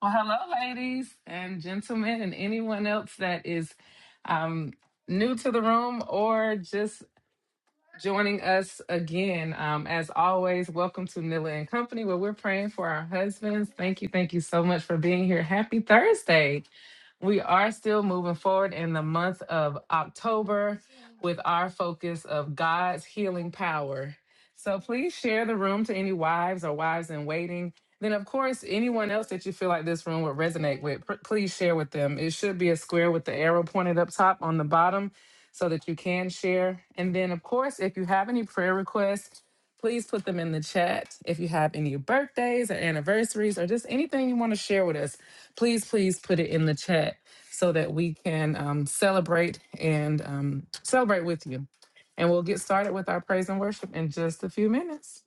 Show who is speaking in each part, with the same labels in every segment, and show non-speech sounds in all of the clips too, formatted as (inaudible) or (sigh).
Speaker 1: Well, hello, ladies and gentlemen, and anyone else that is um, new to the room or just joining us again. Um, as always, welcome to Nilla and Company, where we're praying for our husbands. Thank you, thank you so much for being here. Happy Thursday. We are still moving forward in the month of October with our focus of God's healing power. So please share the room to any wives or wives in waiting. Then, of course, anyone else that you feel like this room would resonate with, pr- please share with them. It should be a square with the arrow pointed up top on the bottom so that you can share. And then, of course, if you have any prayer requests, please put them in the chat. If you have any birthdays or anniversaries or just anything you want to share with us, please, please put it in the chat so that we can um, celebrate and um, celebrate with you. And we'll get started with our praise and worship in just a few minutes.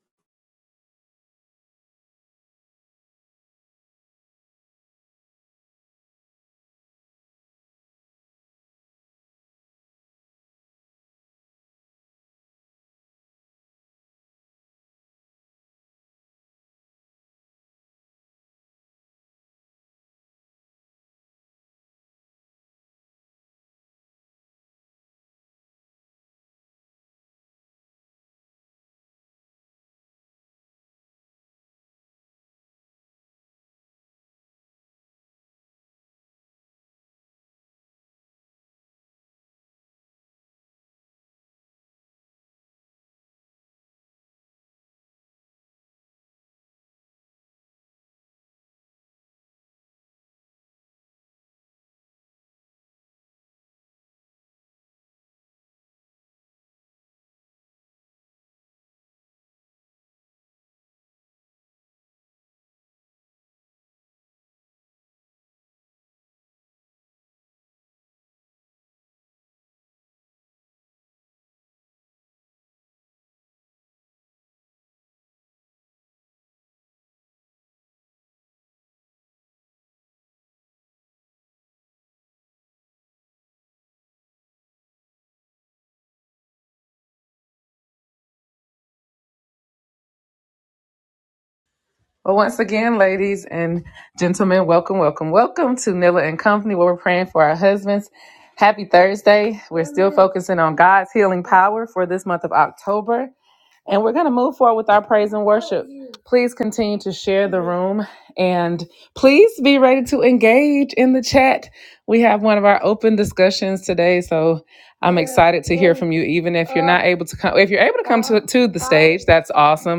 Speaker 1: Well, once again, ladies and gentlemen, welcome, welcome, welcome to Nilla and Company, where we're praying for our husbands. Happy Thursday. We're focusing on God's healing power for this month of October. And we're going to move forward with our praise and worship. Please continue to share the room and please be ready to engage in the chat. We have one of our open discussions today. So, you, even if you're able to come, if you're able to that's awesome.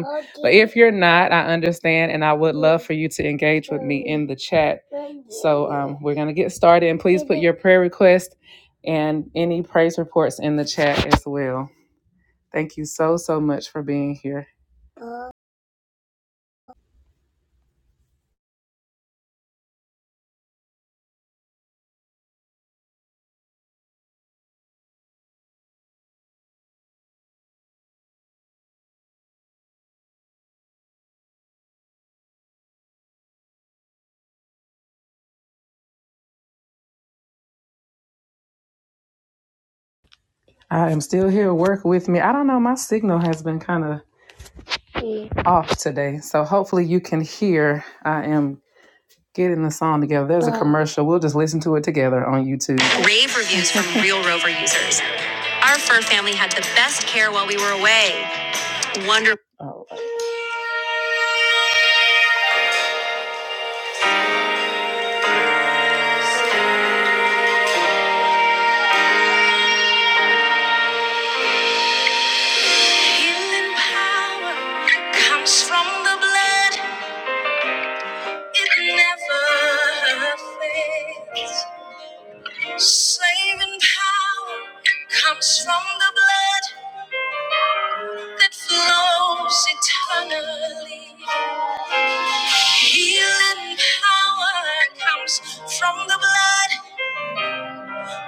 Speaker 1: If you're not, I understand. And I would for you to engage in the chat. We're going to get started and please your prayer request and any praise reports in the chat as well. Thank you so, so much for being here. I am still here. Work with me. I don't know. My signal has been kind of off today. So hopefully you can hear. I am getting the song together. There's a commercial. We'll just listen to it together on YouTube. Rave reviews from (laughs) real Rover users. Our fur family had the best care while we were away. Wonder. Healing power comes from the blood. It never fails. Saving power comes from the blood that flows eternally. Healing power comes from the blood,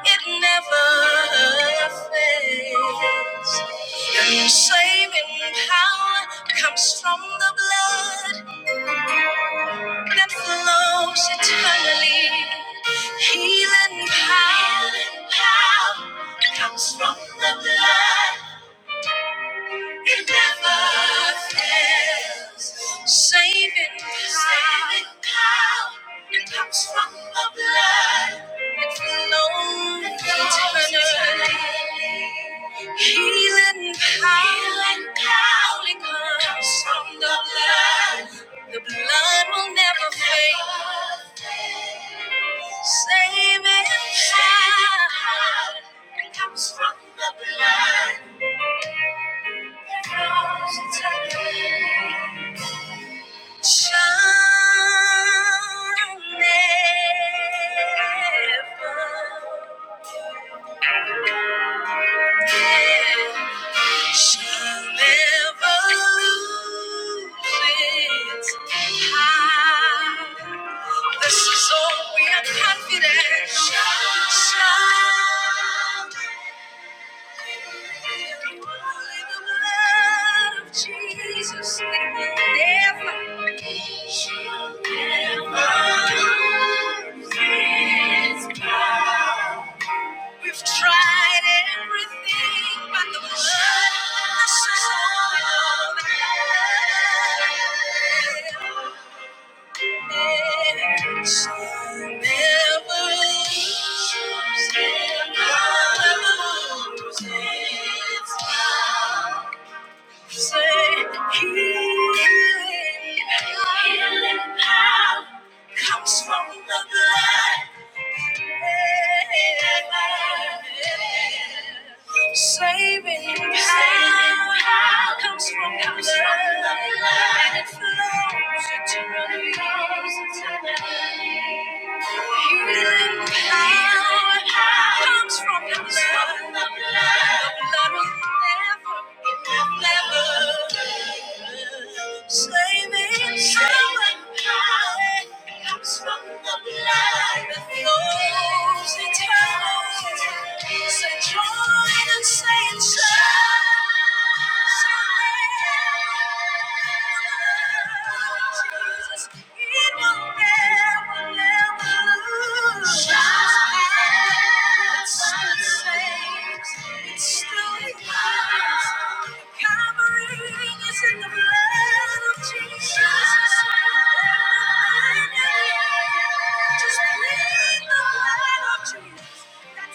Speaker 1: it never fades. And saving power comes from the blood that flows eternally. Healing power, power comes from the blood. It never fails. Saving power. Saving power. It comes from the blood that flows eternally. Healing power. Healing power. It comes from the blood. The blood will never fade. Saving power comes from the blood that flows eternally shall never, shall never lose its power. This is all we are confident. Shall, shall. Jesus, never, she'll never his power. We've tried everything but the blood. This is all we know. Healing power comes from the blood. Saving power comes from the blood, and it flows eternally. Healing power comes from the blood, the blood will never. Jesus. That's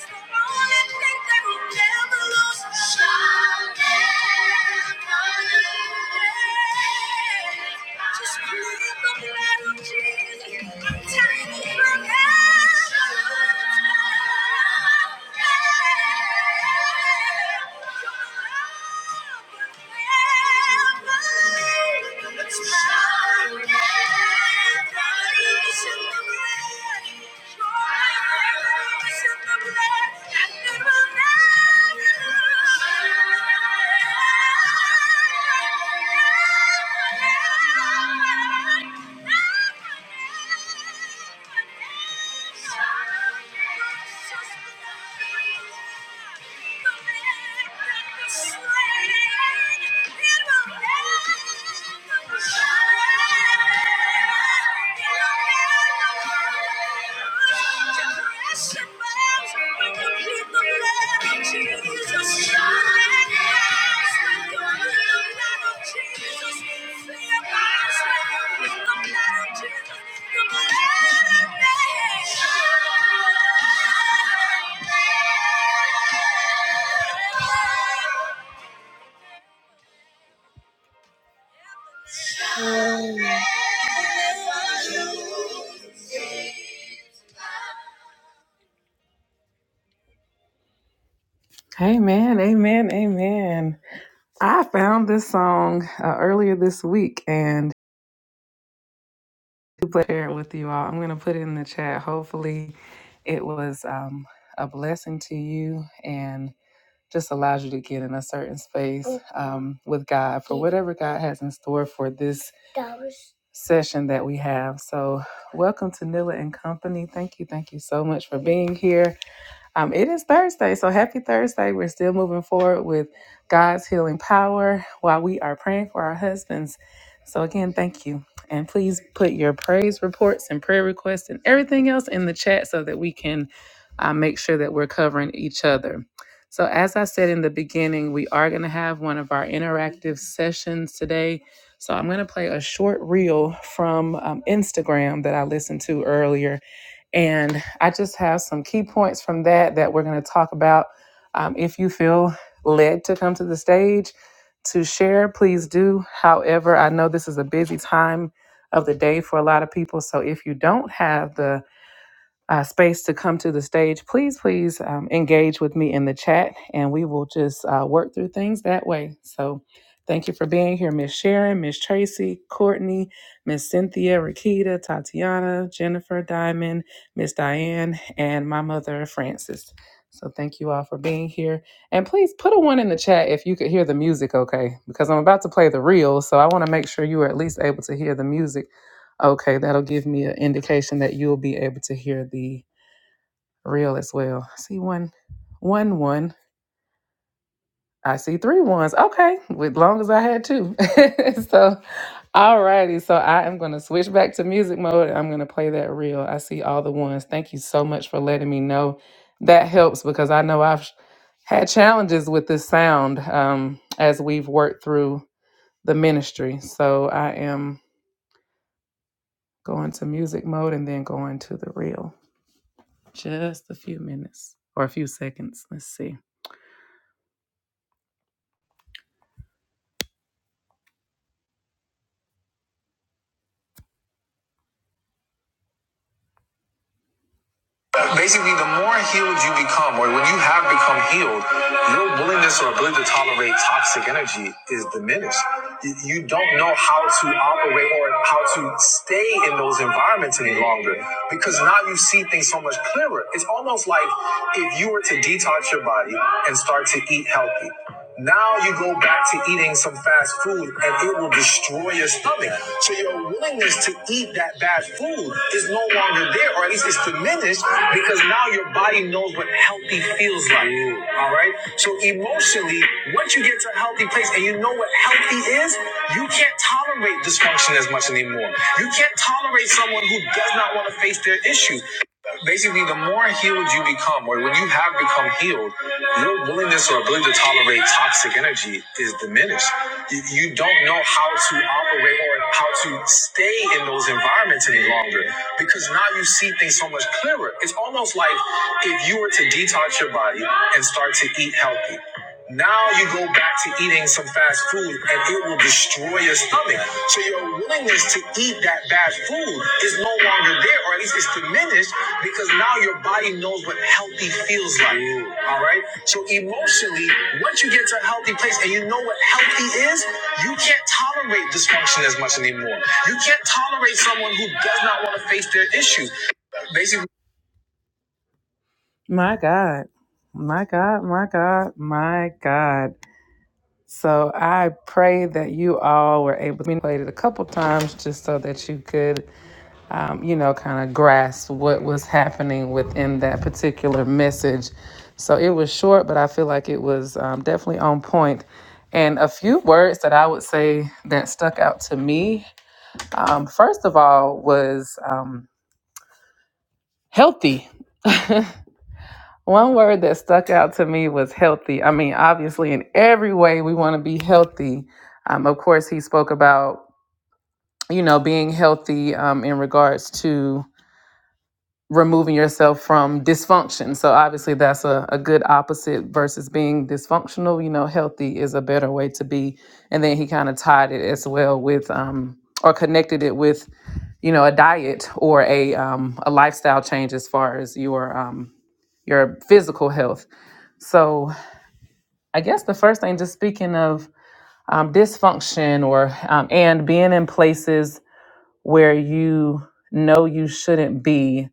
Speaker 1: the only thing that will never lose. Shine. Just plead the blood Jesus. I'm telling you, I'm Thank you. Thank you. Um, Amen, amen, amen. I found this song uh, earlier this week and to share it with you all. I'm going to put it in the chat. Hopefully, it was um, a blessing to you and just allows you to get in a certain space um, with God. Whatever God has in store for this session that we have. So, welcome to Nilla and Company. Thank you, thank you so much for being here. Um, it is Thursday, so happy Thursday. We're still moving forward with God's healing power while we are praying for our husbands. So, again, thank you. And please put your praise reports and prayer requests and everything else in the chat so that we can uh, make sure that we're covering each other. So, as I said in the beginning, we are going to have one of our interactive sessions today. So, I'm going to play a short reel from um, Instagram that I listened to earlier and I just have some key points from that that we're going to talk about. Um, if you feel led to come to the stage to share, please do. However, I know this is a busy time of the day for a lot of people. So if you don't have the uh, space to come to the stage, please, please um, engage with me in the chat and we will just uh, work through things that way. So thank you for being here, Miss Sharon, Miss Tracy, Courtney, Miss Cynthia, Rakita, Tatiana, Jennifer Diamond, Miss Diane, and my mother, Frances. So thank you all for being here. And please put a one in the chat if you could hear the music okay, because I'm about to play the reel. So I want to make sure you are at least able to hear the music Okay, that'll give me an indication that you'll be able to hear the reel as well. I see one, one, one. I see three ones. Okay, with long as I had two. (laughs) so, alrighty. So I am going to switch back to music mode. and I'm going to play that reel. I see all the ones. Thank you so much for letting me know. That helps because I know I've had challenges with this sound um, as we've worked through the ministry. So I am going to music mode and then going to the reel. Just a few minutes or a few seconds. Let's see. Basically, the more healed you become, or when you have become healed, your willingness or ability to tolerate toxic energy is diminished. You don't know how to operate or how to stay in those environments any longer because now you see things so much clearer. It's almost like if you were to detox your body and start to eat healthy. Now you go back to eating some fast food and it will destroy your stomach. So your willingness to eat that bad food is no longer there, or at least it's diminished because now your body knows what healthy feels like. All right. So emotionally, once you get to a healthy place and you know what healthy is, you can't tolerate dysfunction as much anymore. You can't tolerate someone who does not want to face their issues basically the more healed you become or when you have become healed your willingness or ability to tolerate toxic energy is diminished you, you don't know how to operate or how to stay in those environments any longer because now you see things so much clearer it's almost like if you were to detox your body and start to eat healthy now you go back to eating some fast food and it will destroy your stomach. So your willingness to eat that bad food is no longer there, or at least it's diminished because now your body knows what healthy feels like. All right. So emotionally, once you get to a healthy place and you know what healthy is, you can't tolerate dysfunction as much anymore. You can't tolerate someone who does not want to face their issues. Basically, my God. My God, my God, my God. So I pray that you all were able to manipulate it a couple times just so that you could, um, you know, kind of grasp what was happening within that particular message. So it was short, but I feel like it was um, definitely on point. And a few words that I would say that stuck out to me, um, first of all, was um, healthy. (laughs) One word that stuck out to me was healthy. I mean, obviously, in every way, we want to be healthy. Um, of course, he spoke about, you know, being healthy um, in regards to removing yourself from dysfunction. So obviously that's a, a good opposite versus being dysfunctional. You know, healthy is a better way to be. And then he kind of tied it as well with um or connected it with, you know, a diet or a um a lifestyle change as far as your um your physical health. So I guess the first thing, just speaking of um, dysfunction or um, and being in places where you know you shouldn't be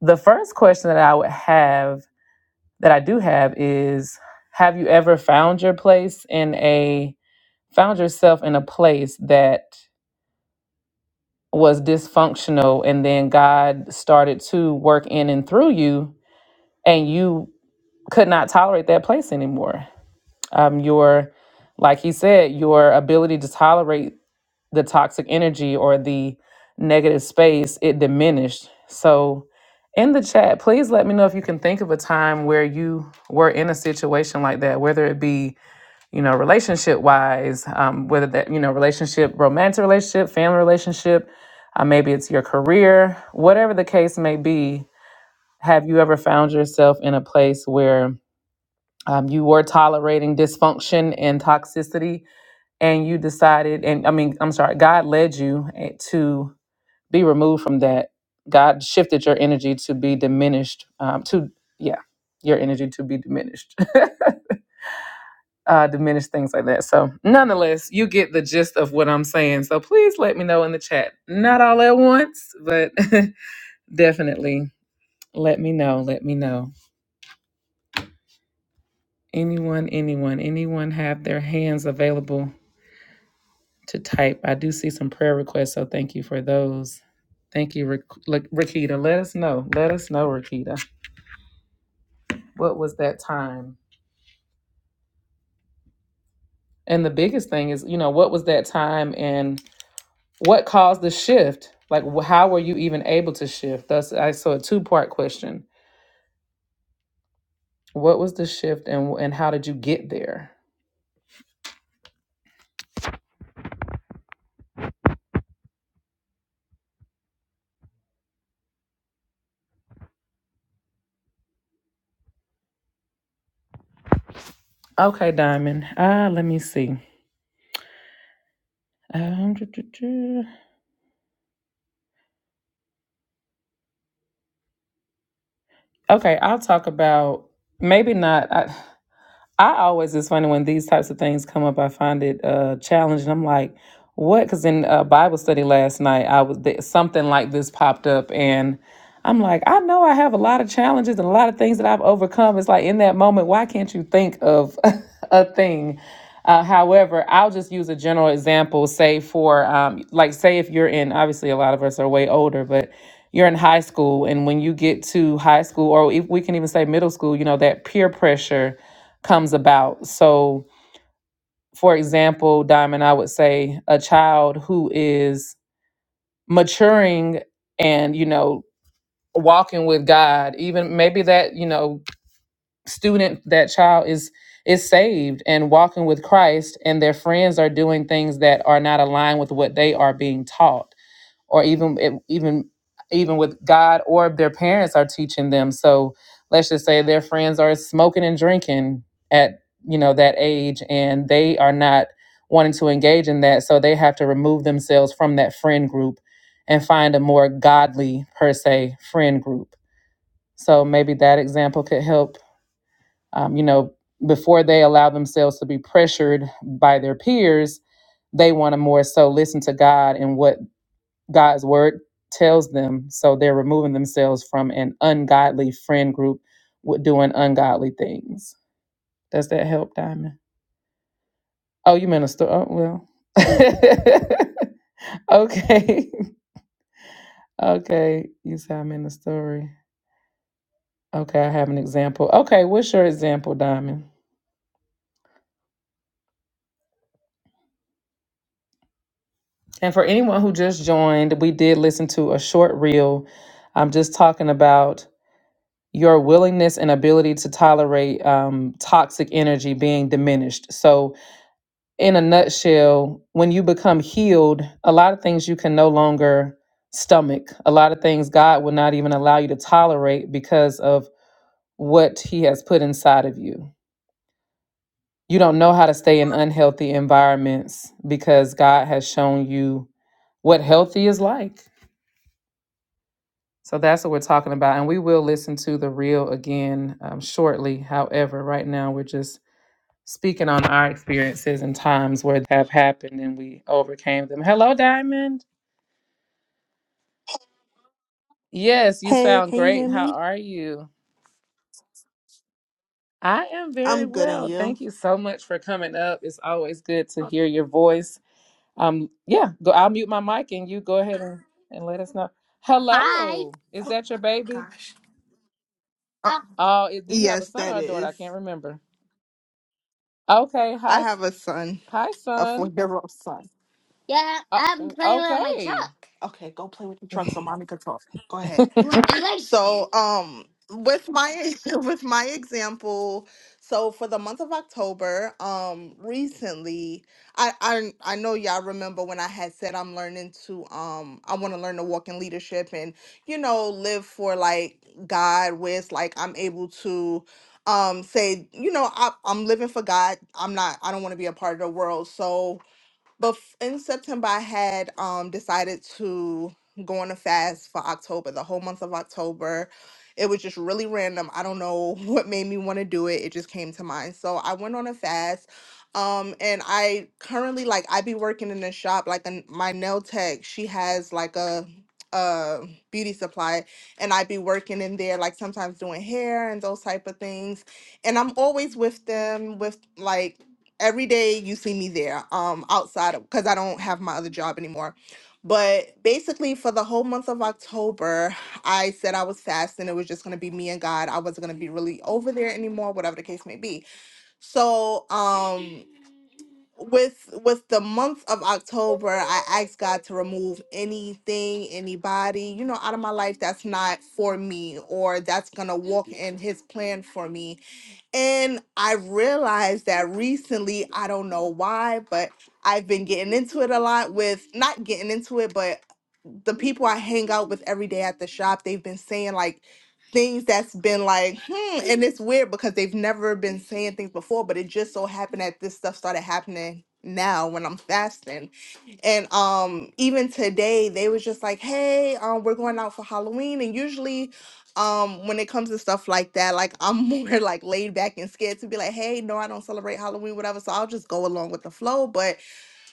Speaker 1: the first question that I would have, that I do have, is Have you ever found your place in a, found yourself in a place that was dysfunctional and then God started to work in and through you and you could not tolerate that place anymore? Um, your, like he said, your ability to tolerate the toxic energy or the negative space, it diminished. So, in the chat, please let me know if you can think of a time where you were in a situation like that, whether it be, you know, relationship wise, um, whether that, you know, relationship, romantic relationship, family relationship, uh, maybe it's your career, whatever the case may be. Have you ever found yourself in a place where um, you were tolerating dysfunction and toxicity? and you decided and i mean i'm sorry god led you eh, to be removed from that god shifted your energy to be diminished um, to yeah your energy to be diminished (laughs) uh, diminish things like that so nonetheless you get the gist of what i'm saying so please let me know in the chat not all at once but (laughs) definitely let me know let me know anyone anyone anyone have their hands available to type. I do see some prayer requests, so thank you for those. Thank you, Ra- La- Rakita. Let us know. Let us know, Rakita. What was that time? And the biggest thing is, you know, what was that time and what caused the shift? Like, wh- how were you even able to shift? That's I saw a two part question. What was the shift and and how did you get there? Okay, Diamond. Uh, let me see. Um, (tsk) okay, I'll talk about maybe not. I always it's funny when these types of things come up. I find it uh, challenging. I'm like, what? Because in uh, Bible study last night, I was th- something like this popped up, and I'm like, I know I have a lot of challenges and a lot of things that I've overcome. It's like in that moment, why can't you think of (laughs) a thing? Uh, however, I'll just use a general example. Say for um, like, say if you're in, obviously a lot of us are way older, but you're in high school, and when you get to high school, or if we can even say middle school, you know that peer pressure comes about. So, for example, Diamond, I would say a child who is maturing and, you know, walking with God, even maybe that, you know, student, that child is is saved and walking with Christ and their friends are doing things that are not aligned with what they are being taught or even even even with God or their parents are teaching them. So let's just say their friends are smoking and drinking at you know that age, and they are not wanting to engage in that, so they have to remove themselves from that friend group and find a more godly per se friend group. So maybe that example could help. Um, you know, before they allow themselves to be pressured by their peers, they want to more so listen to God and what God's word tells them. So they're removing themselves from an ungodly friend group with doing ungodly things. Does that help, Diamond? Oh, you minister. Oh, well. (laughs) okay. (laughs) Okay. You said I'm in the story. Okay. I have an example. Okay. What's your example, Diamond? And for anyone who just joined, we did listen to a short reel. I'm just talking about your willingness and ability to tolerate um, toxic energy being diminished. So, in a nutshell, when you become healed, a lot of things you can no longer stomach. A lot of things God will not even allow you to tolerate because of what He has put inside of you. You don't know how to stay in unhealthy environments because God has shown you what healthy is like. So that's what we're talking about. And we will listen to the reel again um, shortly. However, right now we're just speaking on our experiences and times where they have happened and we overcame them. Hello, Diamond. Yes, you
Speaker 2: Hey,
Speaker 1: sound
Speaker 2: can you
Speaker 1: great.
Speaker 2: hear
Speaker 1: How
Speaker 2: me?
Speaker 1: are you? I am very
Speaker 2: I'm good and
Speaker 1: well. Thank
Speaker 2: you.
Speaker 1: you so much for coming up. It's always good to hear your voice. Um, yeah, go, I'll mute my mic and you go ahead and, and let us know.
Speaker 2: Hi.
Speaker 1: Hello, is
Speaker 2: Oh
Speaker 1: that your baby?
Speaker 2: gosh. Oh, Uh,
Speaker 1: Oh, is, do you have a
Speaker 2: yes,
Speaker 1: son
Speaker 2: that
Speaker 1: or a daughter? I can't
Speaker 2: is.
Speaker 1: remember. Okay, hi,
Speaker 2: I
Speaker 1: s-
Speaker 2: have a son,
Speaker 1: hi,
Speaker 2: a four
Speaker 1: son.
Speaker 2: year old son. Yeah,
Speaker 1: Uh,
Speaker 2: I'm playing with my
Speaker 1: okay.
Speaker 2: truck. Okay, go play with the truck so mommy can talk. Go ahead. You want you like So, um, with my (laughs) with my example, so for the month of October, um, recently, I I I know y'all remember when I had said I'm learning to um I want to learn to walk in leadership and you know live for like God with like I'm able to um say you know I I'm living for God. I'm not I don't want to be a part of the world. So but in September I had um decided to go on a fast for October, the whole month of October. It was just really random. I don't know (laughs) what made me want to do it. It just came to mind. So I went on a fast. Um, and I currently like I be working in a shop like a, my nail tech. She has like a a beauty supply, and I be working in there like sometimes doing hair and those type of things. And I'm always with them with like every day you see me there um outside of because i don't have my other job anymore but basically for the whole month of october i said i was fasting it was just going to be me and god i wasn't going to be really over there anymore whatever the case may be so um with with the month of october i asked god to remove anything anybody you know out of my life that's not for me or that's going to walk in his plan for me and I realized that recently, I don't know why, but I've been getting into it a lot with not getting into it, but the people I hang out with every day at the shop, they've been saying like things that's been like, hmm, and it's weird because they've never been saying things before, but it just so happened that this stuff started happening now when I'm fasting. And um, even today, they was just like, "Hey, um, we're going out for Halloween." And usually, um, when it comes to stuff like that, like I'm (laughs) more like laid back and scared to be like, "Hey, no, I don't celebrate Halloween, whatever." So I'll just go along with the flow. But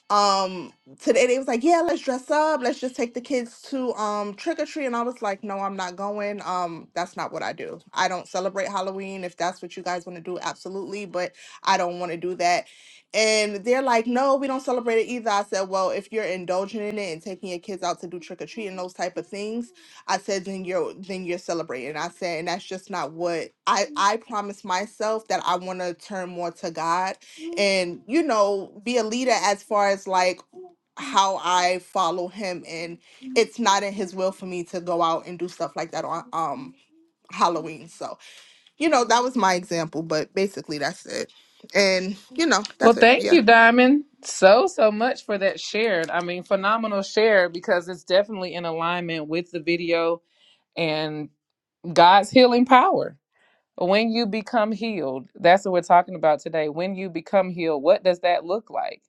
Speaker 2: um today they was like yeah let's dress up let's just take the kids to um trick or treat and i was like no i'm not going um that's not what i do i don't celebrate halloween if that's what you guys want to do absolutely but i don't want to do that and they're like no we don't celebrate it either i said well if you're indulging in it and taking your kids out to do trick or treat and those type of things i said then you're then you're celebrating i said and that's just not what i i promised myself that i want to turn more to god and you know be a leader as far as like how I follow him and it's not in his will for me to go out and do stuff like that on um Halloween. So, you know, that was my example, but basically that's it. And you know,
Speaker 1: Well,
Speaker 2: that's it.
Speaker 1: thank
Speaker 2: Yeah.
Speaker 1: you, Diamond, so, so much for that share. I mean, phenomenal share because it's definitely in alignment with the video and God's healing power. When you become healed, that's what we're talking about today. When you become healed, what does that look like?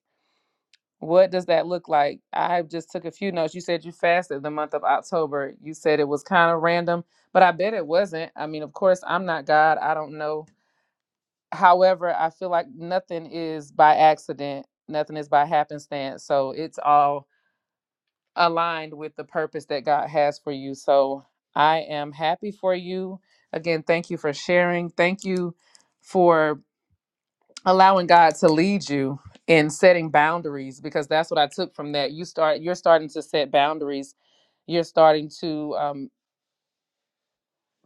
Speaker 1: What does that look like? I just took a few notes. You said you fasted the month of October. You said it was kind of random, but I bet it wasn't. I mean, of course, I'm not God. I don't know. However, I feel like nothing is by accident, nothing is by happenstance. So it's all aligned with the purpose that God has for you. So I am happy for you. Again, thank you for sharing. Thank you for allowing God to lead you in setting boundaries because that's what I took from that. You start you're starting to set boundaries. You're starting to um,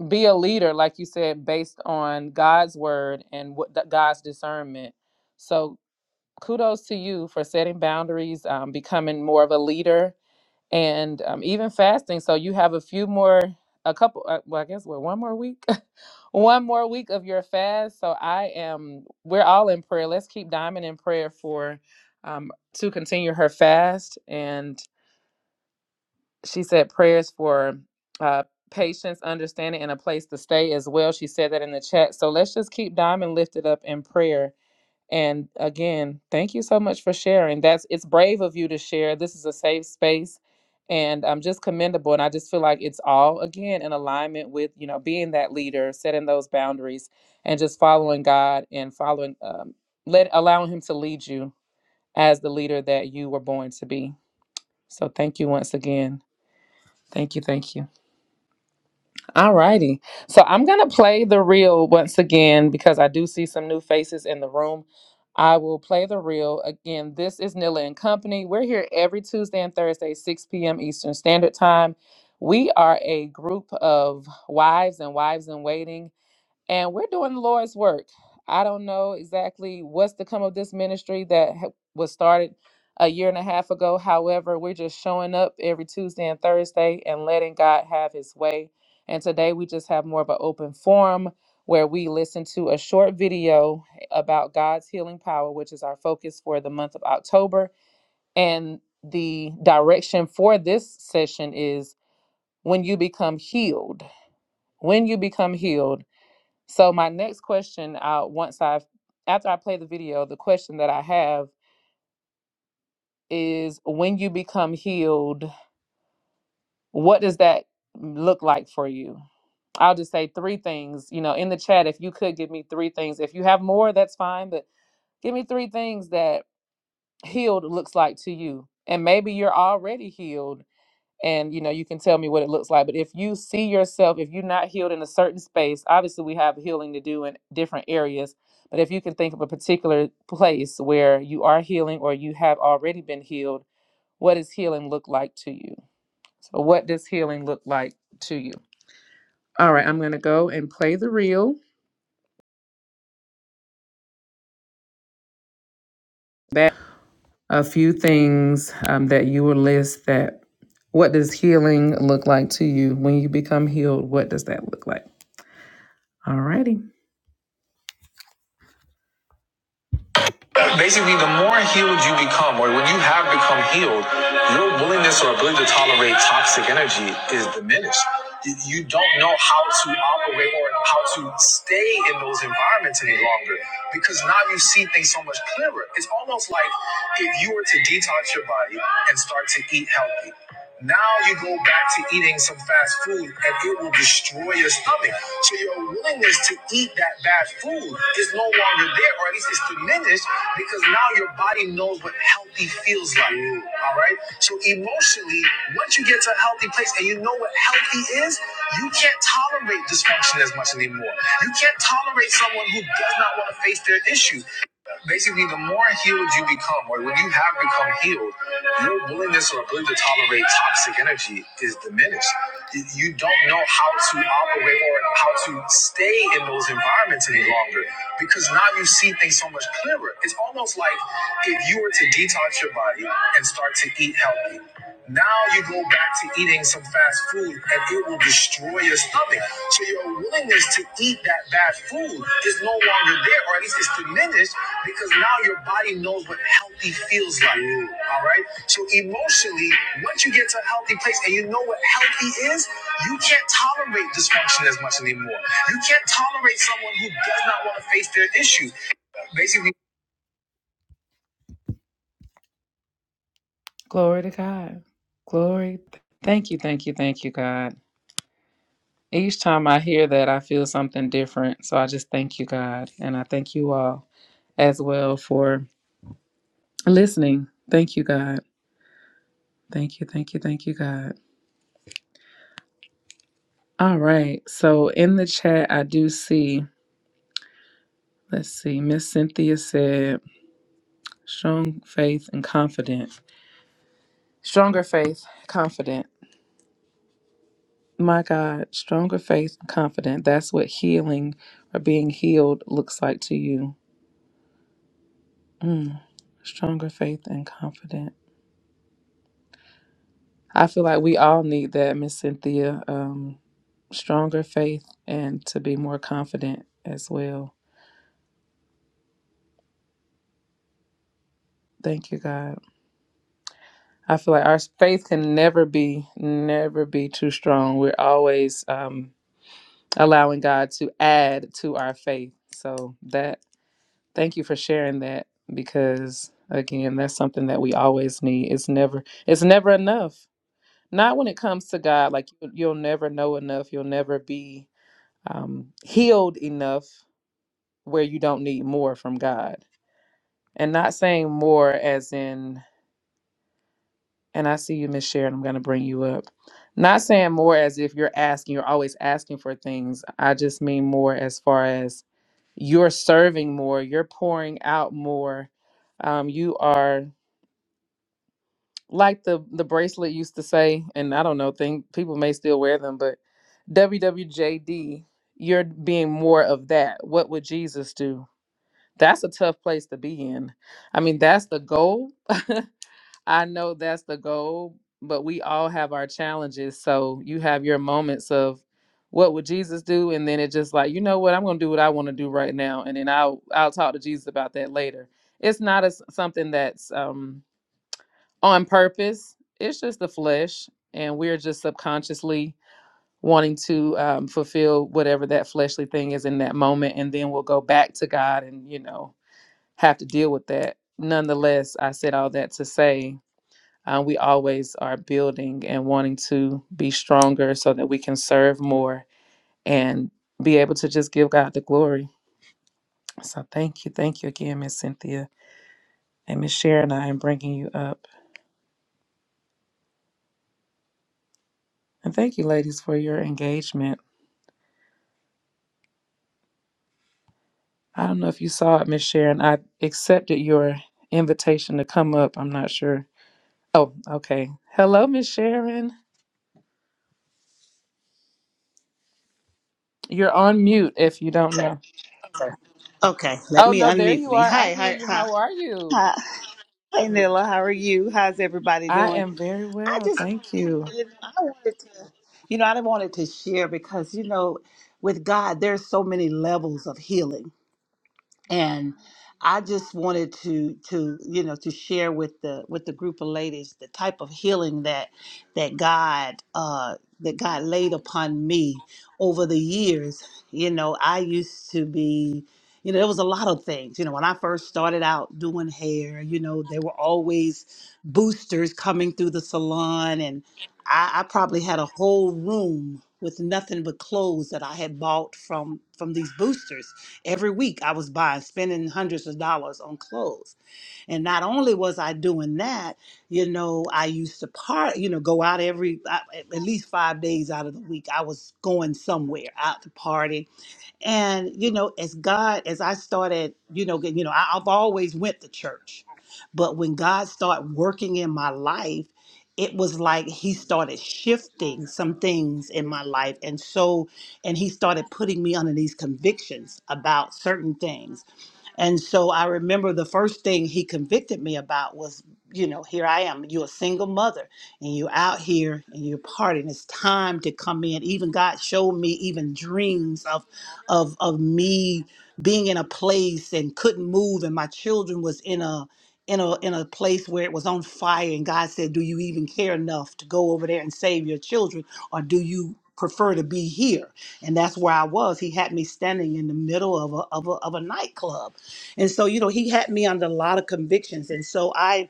Speaker 1: be a leader, like you said, based on God's word and what the, God's discernment. So kudos to you for setting boundaries, um, becoming more of a leader and um, even fasting. So you have a few more, a couple, uh, well, I guess what one more week, (laughs) one more week of your fast. So I am, we're all in prayer. Let's keep Diamond in prayer for um, to continue her fast. And she said prayers for uh, patience, understanding, and a place to stay as well. She said that in the chat. So let's just keep Diamond lifted up in prayer and again, thank you so much for sharing. That's it's brave of you to share. This is a safe space and um just commendable. And I just feel like it's all again in alignment with, you know, being that leader, setting those boundaries and just following God and following um let allowing him to lead you as the leader that you were born to be. So thank you once again. Thank you, thank you. Alrighty, So I'm going to play the reel once again because I do see some new faces in the room. I will play the reel again. This is Nila and Company. We're here every Tuesday and Thursday, 6 p.m. Eastern Standard Time. We are a group of wives and wives in waiting and we're doing the Lord's work. I don't know exactly what's to come of this ministry that ha- was started a year and a half ago. However, we're just showing up every Tuesday and Thursday and letting God have his way. And today we just have more of an open forum where we listen to a short video about God's healing power, which is our focus for the month of October. And the direction for this session is when you become healed. When you become healed. So my next question, uh, once I've after I play the video, the question that I have is when you become healed, what does that look like for you? I'll just say three things, you know, in the chat if you could give me three things. If you have more, that's fine, but give me three things that healed looks like to you. And maybe you're already healed and you know you can tell me what it looks like but if you see yourself if you're not healed in a certain space obviously we have healing to do in different areas but if you can think of a particular place where you are healing or you have already been healed what does healing look like to you so what does healing look like to you all right i'm going to go and play the reel that a few things um, that you will list that what does healing look like to you when you become healed what does that look like all righty. Basically, the more healed you become, or when you have become healed, your willingness or ability to tolerate toxic energy is diminished. You don't know how to operate or how to stay in those environments any longer because now you see things so much clearer. It's almost like if you were to detox your body and start to eat healthy. Now you go back to eating some fast food and it will destroy your stomach. So your willingness to eat that bad food is no longer there, or at least it's diminished because now your body knows what healthy feels like. All right. So emotionally, once you get to a healthy place and you know what healthy is, you can't tolerate dysfunction as much anymore. You can't tolerate someone who does not want to face their issues basically the more healed you become or when you have become healed your willingness or ability to tolerate toxic energy is diminished you don't know how to operate or how to stay in those environments any longer because now you see things so much clearer it's almost like if you were to detox your body and start to eat healthy now you go back to eating some fast food and it will destroy your stomach. So your willingness to eat that bad food is no longer there, or at least it's diminished because now your body knows what healthy feels like. All right. So emotionally, once you get to a healthy place and you know what healthy is, you can't tolerate dysfunction as much anymore. You can't tolerate someone who does not want to face their issues. Basically, glory to God. Glory. Thank you, thank you, thank you, God. Each time I hear that, I feel something different. So I just thank you, God. And I thank you all as well for listening. Thank you, God. Thank you, thank you, thank you, God. All right. So in the chat, I do see, let's see, Miss Cynthia said, strong faith and confident. Stronger faith, confident. My God, stronger faith and confident. That's what healing or being healed looks like to you. Mm. Stronger faith and confident. I feel like we all need that, Miss Cynthia. Um, stronger faith and to be more confident as well. Thank you, God. I feel like our faith can never be, never be too strong. We're always um, allowing God to add to our faith. So that, thank you for sharing that because again, that's something that we always need. It's never, it's never enough. Not when it comes to God. Like you- you'll never know enough. You'll never be um, healed enough where you don't need more from God. And not saying more as in, and I see you, Miss Sharon, I'm going to bring you up. Not saying more as if you're asking, you're always asking for things. I just mean more as far as you're serving more, you're pouring out more. Um, you are like the the bracelet used to say, and I don't know, think people may still wear them, but WWJD, you're being more of that. What would Jesus do? that's a tough place to be in. I mean, that's the goal. (laughs) I know that's the goal, but we all have our challenges. So you have your moments of what would Jesus do? And then it's just like, you know what, I'm gonna do what I want to do right now. And then I'll I'll talk to Jesus about that later. It's not as something that's um on purpose. It's just the flesh. And we're just subconsciously wanting to um, fulfill whatever that fleshly thing is in that moment. And then we'll go back to God and, you know, have to deal with that. Nonetheless, I said all that to say uh, we always are building and wanting to be stronger so that we can serve more and be able to just give God the glory. So thank you. Thank you again, Miss Cynthia and Miss Sharon. I am bringing you up. And thank you, ladies, for your engagement. I don't know if you saw it, Miss Sharon. I accepted your invitation to come up. I'm not sure. Oh, okay. Hello, Miss Sharon. You're on mute if you don't know.
Speaker 3: Okay, let
Speaker 1: Oh
Speaker 3: me
Speaker 1: no, there
Speaker 3: unmute
Speaker 1: you
Speaker 3: me.
Speaker 1: are. I
Speaker 3: Hi,
Speaker 1: hear
Speaker 3: hi,
Speaker 1: you.
Speaker 3: hi,
Speaker 1: How are you?
Speaker 3: hi. Hey, Nilla, how are you? How's everybody
Speaker 1: I
Speaker 3: doing?
Speaker 1: am very
Speaker 3: I
Speaker 1: well.
Speaker 3: just,
Speaker 1: Thank you.
Speaker 3: you know, I wanted to, you know, I wanted to share because, you know, with God, there's so many levels of healing and I just wanted to to you know to share with the with the group of ladies the type of healing that that God uh, that God laid upon me over the years. You know, I used to be. You know, there was a lot of things. You know, when I first started out doing hair, you know, there were always boosters coming through the salon, and I, I probably had a whole room with nothing but clothes that I had bought from from these boosters Every week I was buying, spending hundreds of dollars on clothes. And not only was I doing that, you know, I used to part, you know, go out every, I- at least five days out of the week. I was going somewhere out to party and you know, as God, as I started, you know, get- you know, I, I've always went to church, but when God started working in my life, it was like He started shifting some things in my life, and so, and He started putting me under these convictions about certain things and so I remember the first thing he convicted me about was, you know, here I am, you're a single mother and you're out here and you're partying. It's time to come in. Even God showed me even dreams of of of me being in a place and couldn't move and my children was in a in a in a place where it was on fire and God said, Do you even care enough to go over there and save your children or do you prefer to be here? And that's where I was. He had me standing in the middle of a of a, of a nightclub and so, you know, he had me under a lot of convictions. And so I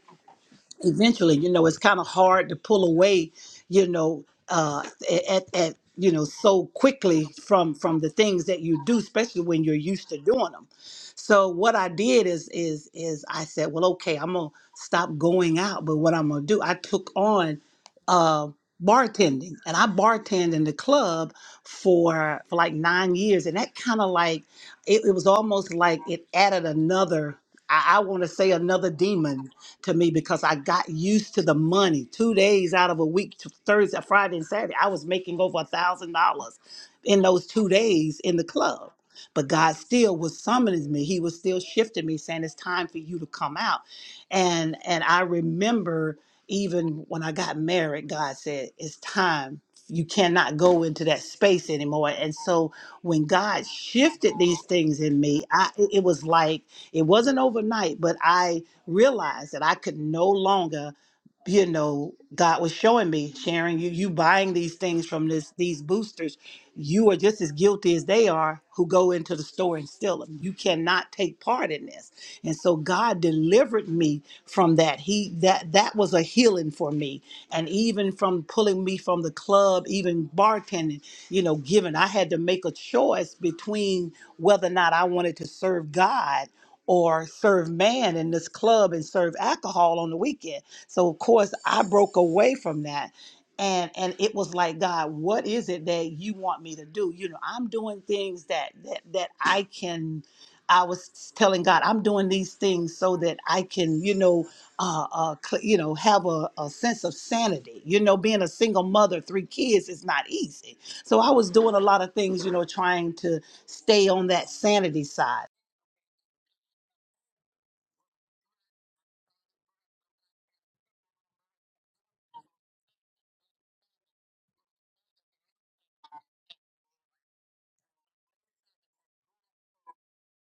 Speaker 3: eventually you know it's kind of hard to pull away you know uh at, at you know so quickly from from the things that you do especially when you're used to doing them so what i did is is is i said well okay i'm gonna stop going out but what i'm gonna do i took on uh bartending and i bartended in the club for for like nine years and that kind of like it, it was almost like it added another i, I want to say another demon to me because I got used to the money. Two days out of a week, t- Thursday, Friday, and Saturday, I was making over a thousand dollars in those two days in the club. But God still was summoning me. He was still shifting me, saying it's time for you to come out. And and I remember even when I got married, God said it's time. You cannot go into that space anymore. And so when God shifted these things in me, I it it was like it wasn't overnight, but I realized that I could no longer, you know, God was showing me, sharing you, you buying these things from this these boosters, you are just as guilty as they are who go into the store and steal them. You cannot take part in this. And so God delivered me from that. He that that was a healing for me. And even from pulling me from the club, even bartending, you know, given I had to make a choice between whether or not I wanted to serve God or serve man in this club and serve alcohol on the weekend. So of course I broke away from that. And and it was like, God, what is it that you want me to do? You know, I'm doing things that that that I can I was telling God, I'm doing these things so that I can, you know, uh, uh, cl- you know, have a, a sense of sanity. You know, being a single mother, three kids is not easy. So I was doing a lot of things, you know, trying to stay on that sanity side.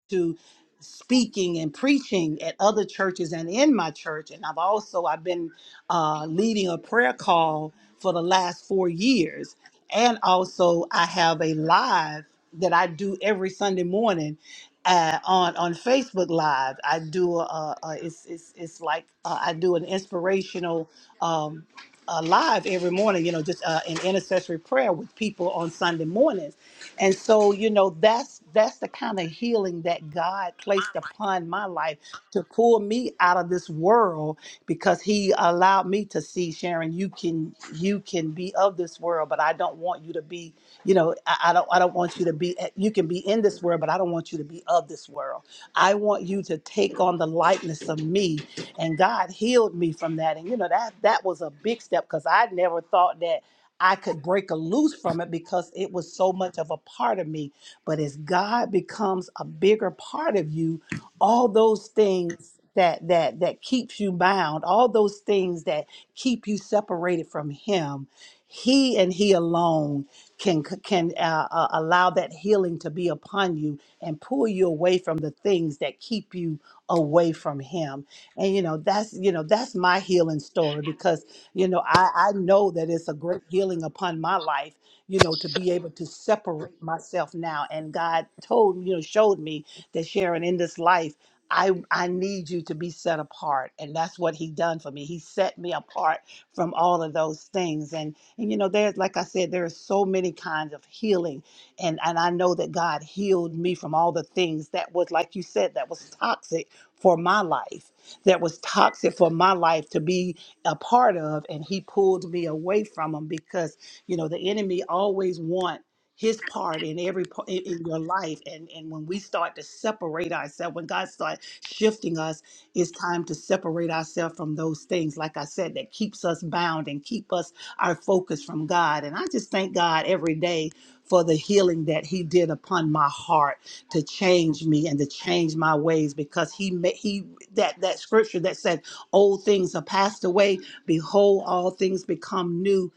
Speaker 3: to speaking and preaching at other churches and in my church and i've also i've been uh, leading a prayer call for the last four years and also i have a live that i do every sunday morning uh, on on facebook live i do a, a it's, it's it's like uh, i do an inspirational um uh, live every morning you know just uh, an intercessory prayer with people on sunday mornings and so you know that's that's the kind of healing that god placed upon my life to pull me out of this world because he allowed me to see sharon you can you can be of this world but i don't want you to be you know i, I don't i don't want you to be eh, you can be in this world but i don't want you to be of this world i want you to take on the likeness of me and god healed me from that and you know that that was a big step because i never thought that I could break a loose from it because it was so much of a part of me. But as God becomes a bigger part of you, all those things that that that keeps you bound, all those things that keep you separated from Him, He and He alone can can uh, uh, allow that healing to be upon you and pull you away from the things that keep you away from Him. And you know that's you know that's my healing story because you know, I, I know that it's a great healing upon my life, you know, to be able to separate myself now. And God told, you know, showed me that Sharon, in this life, I, I need you to be set apart. And that's what he done for me. He set me apart from all of those things. And, and you know, there's, like I said, there are so many kinds of healing. And, and I know that God healed me from all the things that was, like you said, that was toxic for my life that was toxic for my life to be a part of and he pulled me away from them because you know the enemy always want his part in every part in, in your life and and when we start to separate ourselves when god starts shifting us it's time to separate ourselves from those things like i said that keeps us bound and keep us our focus from god and i just thank god every day for the healing that he did upon my heart to change me and to change my ways because he made he that that scripture that said old things are passed away behold all things become new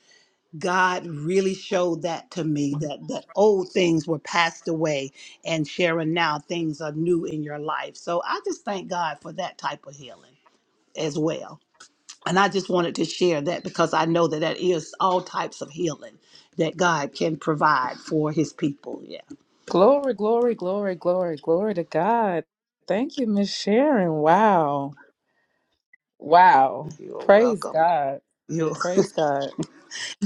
Speaker 3: god really showed that to me that that old things were passed away and sharon now things are new in your life so i just thank god for that type of healing as well and i just wanted to share that because i know that that is all types of healing that god can provide for his people yeah
Speaker 1: Glory, glory, glory, glory, glory to God. Thank you, Miss Sharon. Wow. Wow.
Speaker 3: you're
Speaker 1: Praise
Speaker 3: welcome
Speaker 1: God. Praise God.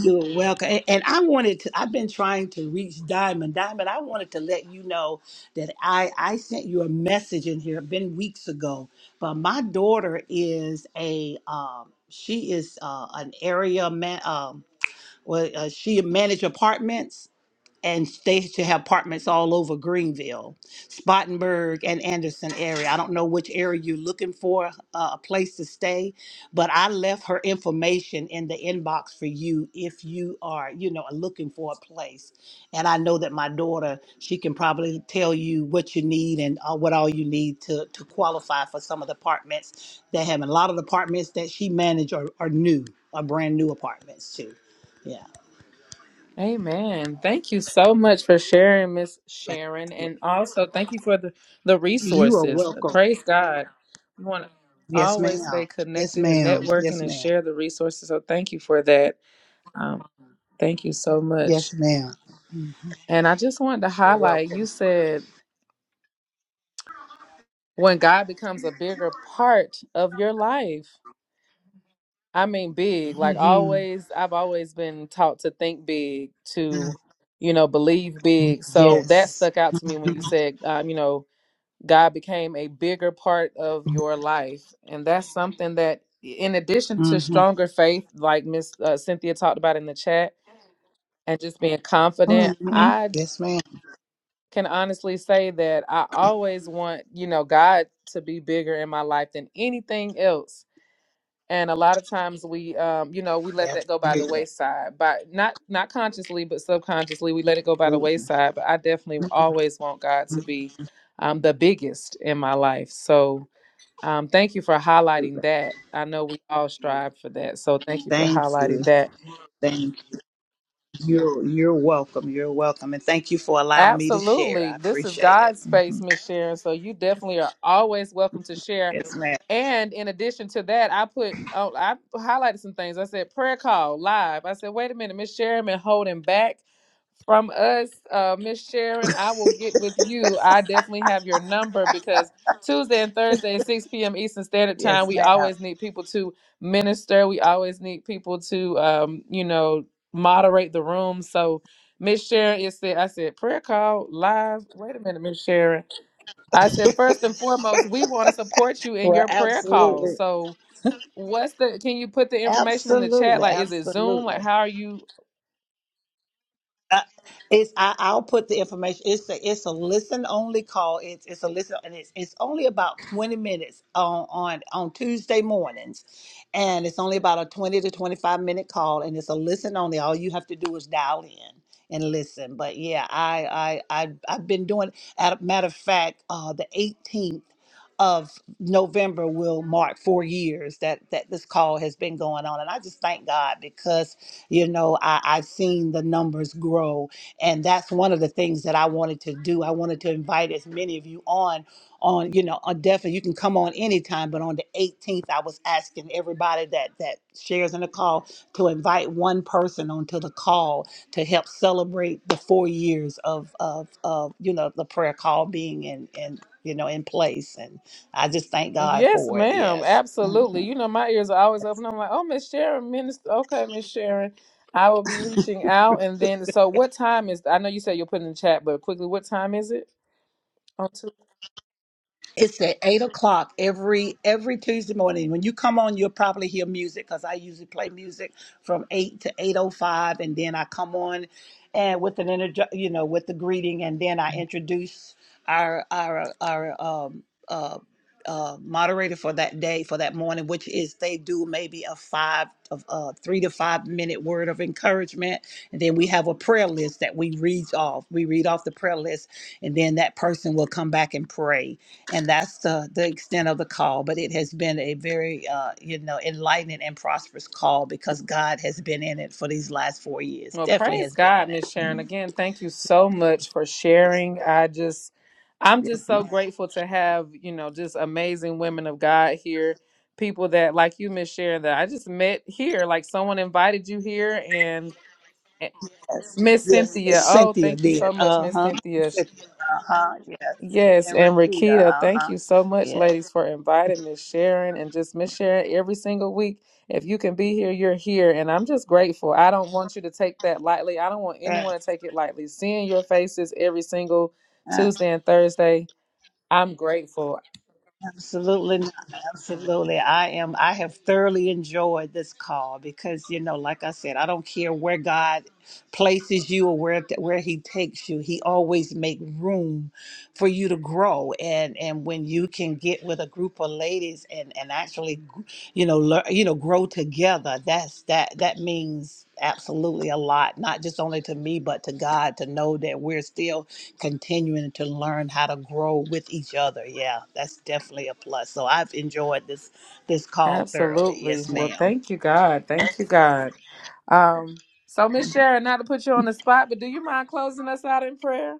Speaker 3: You're welcome. And and I wanted to, I've been trying to reach Diamond. Diamond, I wanted to let you know that I, I sent you a message in here, been weeks ago, but my daughter is a, um, she is uh, an area man, um, well, uh, she manage apartments and they should have apartments all over Greenville, Spartanburg, and Anderson area. I don't know which area you're looking for uh, a place to stay, but I left her information in the inbox for you if you are, you know, looking for a place. And I know that my daughter, she can probably tell you what you need and uh, what all you need to to qualify for some of the apartments that have. And a lot of the apartments that she managed are, are new, are brand new apartments too. Yeah.
Speaker 1: Amen. Thank you so much for sharing, Miss Sharon. And also thank you for the, the
Speaker 3: You are
Speaker 1: resources.
Speaker 3: welcome.
Speaker 1: Praise God. We want to
Speaker 3: Yes, ma'am.
Speaker 1: always stay
Speaker 3: Yes,
Speaker 1: connected and
Speaker 3: ma'am.
Speaker 1: networking
Speaker 3: Yes,
Speaker 1: and
Speaker 3: ma'am.
Speaker 1: share the resources. So thank you for that. Um, thank you so much.
Speaker 3: Yes, ma'am. Mm,
Speaker 1: And I just wanted to
Speaker 3: You're
Speaker 1: highlight you
Speaker 3: welcome.
Speaker 1: said when God becomes a bigger part of your life. I mean, big. Like
Speaker 3: hmm
Speaker 1: always, I've always been taught to think big, to, you know, believe big. So that
Speaker 3: Yes.
Speaker 1: stuck out to me when you said, um, you know, God became a bigger part of your life. And that's something that, in addition
Speaker 3: hmm
Speaker 1: to stronger faith, like Miss uh, Cynthia talked about in the chat, and just being confident,
Speaker 3: hmm
Speaker 1: I
Speaker 3: Yes, ma'am.
Speaker 1: can honestly say that I always want, you know, God to be bigger in my life than anything else. And a lot of times we, um, you know, we let that go by the
Speaker 3: Absolutely.
Speaker 1: wayside, by not not consciously, but subconsciously, we let it go by the
Speaker 3: Absolutely.
Speaker 1: wayside. But I definitely always want God to be um, the biggest in my life. So um, thank you for
Speaker 3: Absolutely.
Speaker 1: highlighting that. I know we all strive for that. So thank you for
Speaker 3: Thank you.
Speaker 1: highlighting that.
Speaker 3: Thank you. You're, you're welcome. You're welcome. And thank you for allowing me to share.
Speaker 1: Absolutely.
Speaker 3: I
Speaker 1: This is
Speaker 3: appreciate it.
Speaker 1: God's space,
Speaker 3: hmm
Speaker 1: Miss Sharon. So you definitely are always welcome to share.
Speaker 3: Yes, ma'am.
Speaker 1: And in addition to that, I put oh, I highlighted some things. I said prayer call live. I said, wait a minute, Miss Sharon been holding back from us. Uh Miss Sharon, I will get with you. I definitely have your number because Tuesday and Thursday at 6 p.m. Eastern Standard Time,
Speaker 3: Yes,
Speaker 1: we
Speaker 3: ma'am.
Speaker 1: always need people to minister. We always need people to um, you know, moderate the room. So Miss Sharon, it said, I said, prayer call live. Wait a minute, Miss Sharon. I said, first and foremost, we want to support you in
Speaker 3: Well,
Speaker 1: your prayer calls.
Speaker 3: absolutely.
Speaker 1: So, what's the, can you put the information in the chat?
Speaker 3: Absolutely.
Speaker 1: Like, is it Zoom?
Speaker 3: Absolutely.
Speaker 1: Like, how are you?
Speaker 3: Uh, it's I, I'll put the information. It's a it's a listen only call. It's it's a listen and it's it's only about twenty minutes on on on Tuesday mornings, and it's only about a twenty to twenty five minute call, and it's a listen only. All you have to do is dial in and listen. But yeah, I I I I've been doing. At a matter of fact, uh, the eighteenth of November will mark four years that that this call has been going on, and I just thank God because you know, I, I've seen the numbers grow. And that's one of the things that I wanted to do. I wanted to invite as many of you on, on, you know, on definitely you can come on anytime, but on the 18th, I was asking everybody that that shares in the call to invite one person onto the call to help celebrate the four years of of of you know the prayer call being in in you know in place. And I just thank God
Speaker 1: Yes,
Speaker 3: for it.
Speaker 1: ma'am.
Speaker 3: Yes. Mm-hmm.
Speaker 1: Absolutely. You know, my ears are always open. I'm like, oh, Miss Sharon, minister. Okay, Miss Sharon, I will be reaching out. And then, so what time is, I know you said you'll put in the chat, but quickly, what time is it?
Speaker 3: It's at eight o'clock every every Tuesday morning. When you come on, you'll probably hear music because I usually play music from eight to eight o five, and then I come on and with an inter- you know with the greeting, and then I introduce our our our um uh. Uh, moderator for that day for that morning which is they do maybe a five of uh three to five minute word of encouragement and then we have a prayer list that we read off we read off the prayer list and then that person will come back and pray and that's the the extent of the call but it has been a very uh you know enlightening and prosperous call because god has been in it for these last four years
Speaker 1: Well,
Speaker 3: definitely
Speaker 1: praise
Speaker 3: has been
Speaker 1: God,
Speaker 3: in it
Speaker 1: Miss Sharon. Again, thank you so much for sharing. I just, I'm just
Speaker 3: yes ma'am.
Speaker 1: so grateful to have, you know, just amazing women of God here. People that, like you, Miss Sharon, that I just met here. Like someone invited you here and and
Speaker 3: yes
Speaker 1: Miss
Speaker 3: yes yes,
Speaker 1: Cynthia. Oh,
Speaker 3: cynthia
Speaker 1: thank you
Speaker 3: did
Speaker 1: so much, Miss
Speaker 3: uh-huh
Speaker 1: Cynthia.
Speaker 3: Cynthia, uh-huh yes
Speaker 1: Yes,
Speaker 3: and
Speaker 1: and
Speaker 3: Rakita,
Speaker 1: Rakita, thank
Speaker 3: uh-huh
Speaker 1: you so much,
Speaker 3: yes
Speaker 1: ladies, for inviting Miss Sharon and just Miss Sharon every single week. If you can be here, you're here. And I'm just grateful. I don't want you to take that lightly. I don't want anyone
Speaker 3: yes
Speaker 1: to take it lightly. Seeing your faces every single Tuesday and Thursday, I'm grateful.
Speaker 3: Absolutely not. Absolutely. I am I have thoroughly enjoyed this call because you know, like I said, I don't care where God places you or where where he takes you. He always make room for you to grow and and when you can get with a group of ladies and and actually you know, learn, you know, grow together. That's that that means absolutely a lot not just only to me but to God to know that we're still continuing to learn how to grow with each other. Yeah, that's definitely a plus. So I've enjoyed this this call thoroughly.
Speaker 1: Absolutely.
Speaker 3: Yes,
Speaker 1: Well,
Speaker 3: ma'am.
Speaker 1: thank you, God. Thank you, God. Um, so, Miss Sharon, not to put you on the spot, but do you mind closing us out in prayer?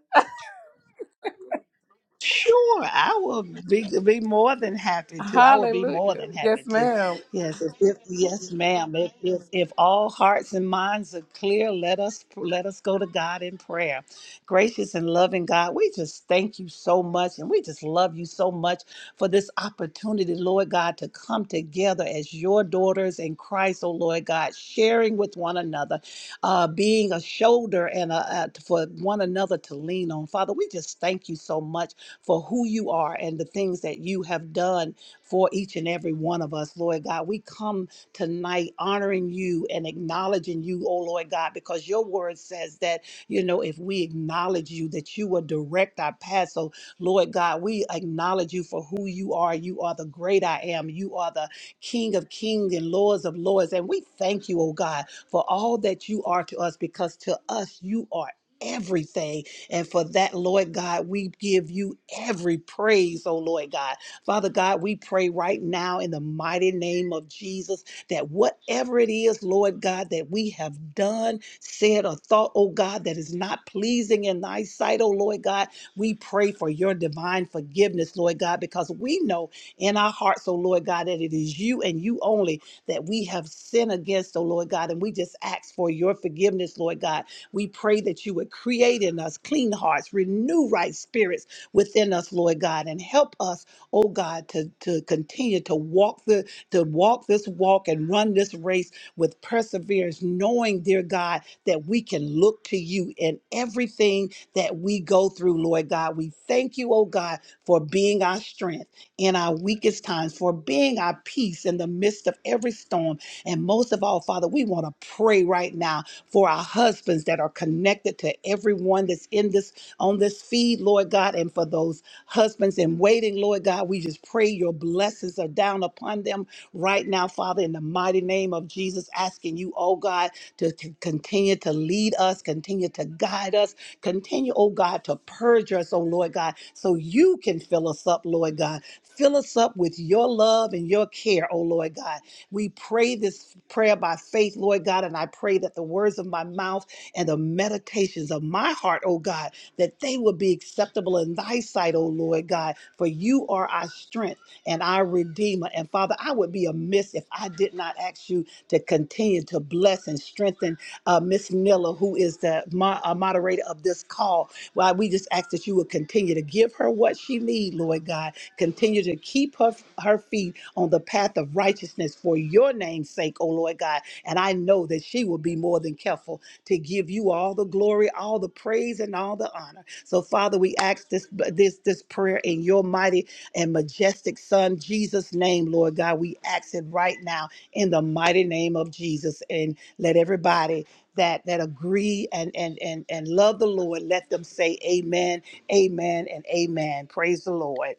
Speaker 3: Sure, I will be be more than happy to. I will be more
Speaker 1: Hallelujah.
Speaker 3: than
Speaker 1: Yes,
Speaker 3: happy to.
Speaker 1: ma'am.
Speaker 3: Yes, if, if yes, ma'am. If, if if all hearts and minds are clear, let us let us go to God in prayer. Gracious and loving God, we just thank you so much, and we just love you so much for this opportunity, Lord God, to come together as your daughters in Christ, oh Lord God, sharing with one another, uh, being a shoulder and a, a for one another to lean on. Father, we just thank you so much for who you are and the things that you have done for each and every one of us, Lord God. We come tonight honoring you and acknowledging you, oh Lord God, because your word says that, you know, if we acknowledge you, that you will direct our path. So, Lord God, we acknowledge you for who you are. You are the great I am. You are the King of kings and Lords of lords. And we thank you, oh God, for all that you are to us, because to us you are. Everything. And for that, Lord God, we give you every praise, oh Lord God. Father God, we pray right now in the mighty name of Jesus that whatever it is, Lord God, that we have done, said, or thought, oh God, that is not pleasing in thy sight, oh Lord God, we pray for your divine forgiveness, Lord God, because we know in our hearts, oh Lord God, that it is you and you only that we have sinned against, oh Lord God. And we just ask for your forgiveness, Lord God. We pray that you would create in us clean hearts, renew right spirits within us, Lord God, and help us, oh God, to, to continue to walk the to walk this walk and run this race with perseverance, knowing, dear God, that we can look to you in everything that we go through, Lord God. We thank you, oh God, for being our strength in our weakest times, for being our peace in the midst of every storm. And most of all, Father, we want to pray right now for our husbands that are connected to everyone that's in this on this feed, Lord God, and for those husbands in waiting, Lord God, we just pray your blessings are down upon them right now, Father, in the mighty name of Jesus, asking you, oh God, to, to continue to lead us, continue to guide us, continue, oh God, to purge us, oh Lord God, so you can fill us up, Lord God. Fill us up with your love and your care, oh Lord God we pray this prayer by faith, Lord God, and I pray that the words of my mouth and the meditations of my heart, oh God, that they will be acceptable in thy sight, oh Lord God, for you are our strength and our redeemer. And Father, I would be amiss if I did not ask you to continue to bless and strengthen uh, Miss Miller, who is the mo- uh, moderator of this call. Why we just ask that you would continue to give her what she needs, Lord God, Continue to keep her, her feet on the path of righteousness for your name's sake, O Lord God. And I know that she will be more than careful to give you all the glory, all the praise, and all the honor. So, Father, we ask this this this prayer in your mighty and majestic Son, Jesus' name, Lord God. We ask it right now in the mighty name of Jesus. And let everybody that that agree and and and and love the Lord, let them say amen, amen, and amen. Praise the Lord.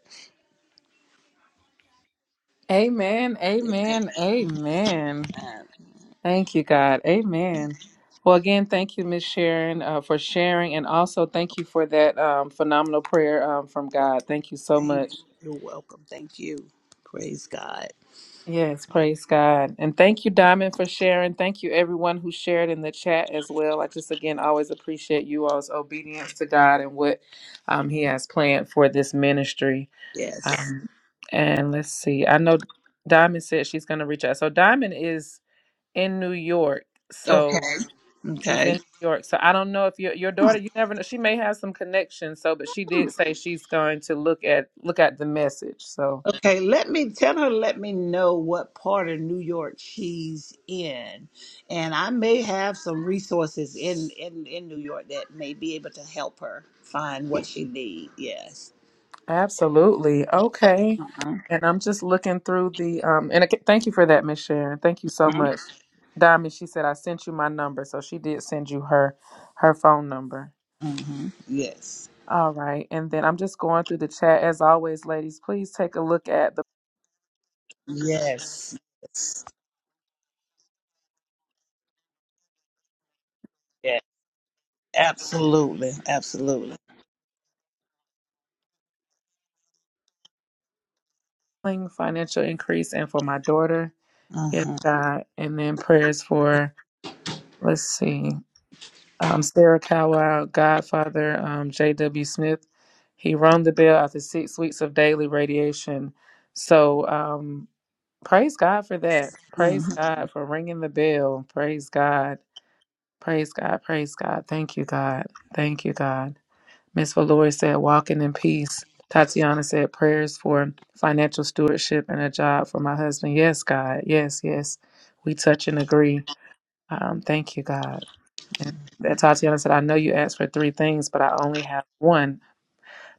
Speaker 1: Amen. Amen. Amen.
Speaker 3: Amen.
Speaker 1: Thank you, God. Amen. Well, again, thank you, Miss Sharon, uh, for sharing, and also thank you for that um, phenomenal prayer um, from
Speaker 3: Well,
Speaker 1: God. Thank you so
Speaker 3: thank you.
Speaker 1: much.
Speaker 3: You're welcome. Thank you. Praise God.
Speaker 1: Yes, praise God. And thank you, Diamond, for sharing. Thank you, everyone who shared in the chat as well. I just, again, always appreciate you all's obedience to God and what um, He has planned for this ministry.
Speaker 3: Yes.
Speaker 1: Um, and let's see, I know Diamond said she's going to reach out. So, Diamond is in New York. So
Speaker 3: Okay.
Speaker 1: she's in
Speaker 3: Okay.
Speaker 1: New York. So I don't know if your your daughter, you never know. She may have some connections. So, but she did say she's going to look at look at the message. So
Speaker 3: Okay. Let me tell her, let me know what part of New York she's in. And I may have some resources in, in, in New York that may be able to help her find what she needs. Yes.
Speaker 1: absolutely okay.
Speaker 3: Mm-hmm.
Speaker 1: And I'm just looking through the um. And again, thank you for that, Miss Sharon. Thank you so much, Diamond. She said I sent you my number, so she did send you her her phone number.
Speaker 3: Mm-hmm. Yes.
Speaker 1: All right, and then I'm just going through the chat as always, ladies. Please take a look at the
Speaker 3: Yes. Yes. Yeah. Absolutely. Absolutely.
Speaker 1: financial increase and for my daughter. Yes,
Speaker 3: Mm-hmm.
Speaker 1: God. And then prayers for, let's see, um, Sarah Cowell, Godfather, um, J.W. Smith. He rung the bell after six weeks of daily radiation. So um, praise God for that. Praise God for ringing the bell. Praise God. Praise God. Praise God. Thank you, God. Thank you, God. Miss Valori said, walking in peace. Tatiana said, prayers for financial stewardship and a job for my husband. Yes, God. Yes, yes. We touch and agree. Um, thank you, God. And and Tatiana said, I know you asked for three things, but I only have one.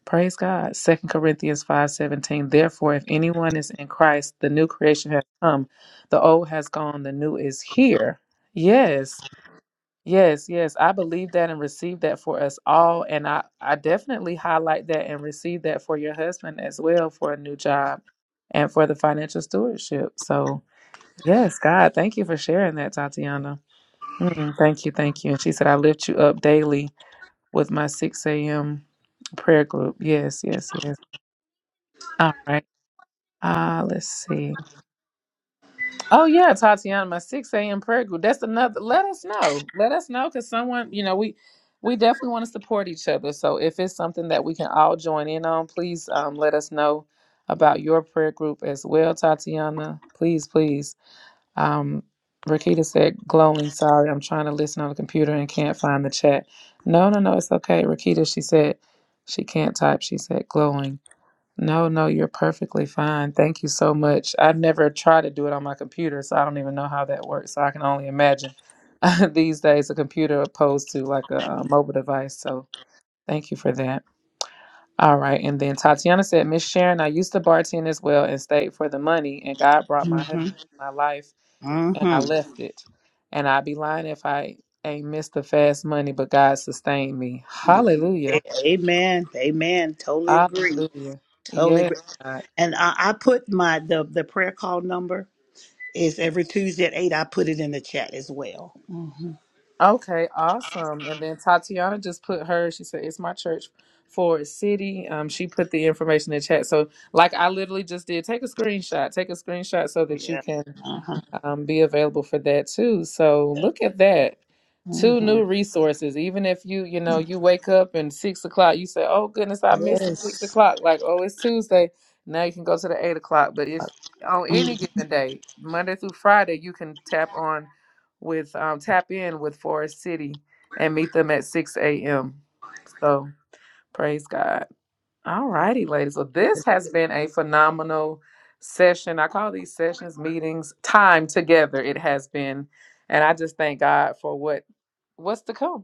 Speaker 1: Praise God. Second Corinthians five seventeen. Therefore, if anyone is in Christ, the new creation has come. The old has gone, the new is here. Yes. Yes, yes. I believe that and receive that for us all. And I, I definitely highlight that and receive that for your husband as well for a new job and for the financial stewardship. So yes, God, thank you for sharing that, Tatiana. Mm, thank you, thank you. And she said, I lift you up daily with my 6 a.m. prayer group. Yes, yes, yes. All right. Ah, let's see. Oh yeah, Tatiana, my 6 a.m. prayer group. That's another let us know. Let us know because someone, you know, we we definitely want to support each other. So if it's something that we can all join in on, please um, let us know about your prayer group as well, Tatiana. Please, please. Um, Rakita said, glowing, sorry, I'm trying to listen on the computer and can't find the chat. No, no, no, it's okay. Rakita, she said, she can't type. She said, glowing. No, no, you're perfectly fine. Thank you so much. I've never tried to do it on my computer, so I don't even know how that works. So I can only imagine (laughs) these days a computer opposed to like a, uh mobile device. So thank you for that. All right. And then Tatiana said, Miss Sharon, I used to bartend as well and stayed for the money, and God brought my husband
Speaker 3: Mm-hmm.
Speaker 1: to my life, and
Speaker 3: Mm-hmm.
Speaker 1: I left it. And I'd be lying if I ain't missed the fast money, but God sustained me. Hallelujah.
Speaker 3: Amen. Amen. Totally agree.
Speaker 1: Hallelujah.
Speaker 3: Totally
Speaker 1: Yes,
Speaker 3: agree.
Speaker 1: God.
Speaker 3: And I, I put my the the prayer call number is every Tuesday at eight. I put it in the chat as well. hmm
Speaker 1: Okay, awesome. And then Tatiana just put her, she said, It's my church for city. Um, she put the information in the chat. So like I literally just did, take a screenshot. Take a screenshot so that you
Speaker 3: Yeah.
Speaker 1: can
Speaker 3: Uh-huh.
Speaker 1: um, be available for that too. So look at that. Two
Speaker 3: hmm
Speaker 1: new resources. Even if you, you know, you wake up and six o'clock, you say, Oh goodness, I missed the six
Speaker 3: Yes.
Speaker 1: o'clock. Like, oh, it's Tuesday. Now you can go to the eight o'clock. But if on any
Speaker 3: Mhm.
Speaker 1: given day, Monday through Friday, you can tap on with um, tap in with Forest City and meet them at six AM. So praise God. All righty, ladies. Well, this has been a phenomenal session. I call these sessions meetings time together. It has been, and I just thank God for what what's to come.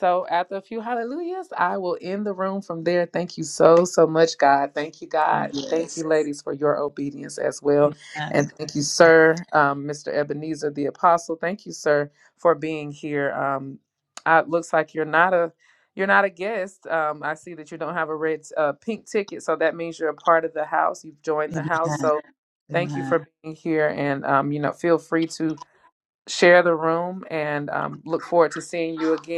Speaker 1: So after a few hallelujahs, I will end the room from there. Thank you so, so much, God. Thank you, God. And thank
Speaker 3: Yes.
Speaker 1: you, ladies, for your obedience as well.
Speaker 3: Amen.
Speaker 1: And thank you, sir, um, Mr. Ebenezer, the apostle. Thank you, sir, for being here. Um, uh, it looks like you're not a you're not a guest. Um, I see that you don't have a red uh, pink ticket, so that means you're a part of the house. You've joined the house.
Speaker 3: Amen.
Speaker 1: So thank you
Speaker 3: Amen.
Speaker 1: for being here. And um, you know, feel free to share the room and um, look forward to seeing you again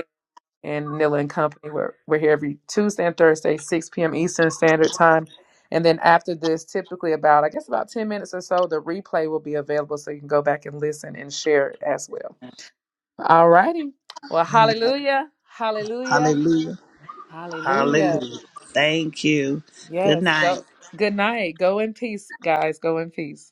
Speaker 1: and Nilla and Company. We're, we're here every Tuesday and Thursday, 6 p.m. Eastern Standard Time. And then after this, typically about, I guess, about 10 minutes or so, the replay will be available so you can go back and listen and share it as well. All righty. Well,
Speaker 3: Amen.
Speaker 1: hallelujah. Hallelujah.
Speaker 3: Hallelujah.
Speaker 1: Hallelujah.
Speaker 3: Hallelujah. Thank you. Good
Speaker 1: Yes. Go.
Speaker 3: night.
Speaker 1: Good night. Go in peace, guys. Go in peace.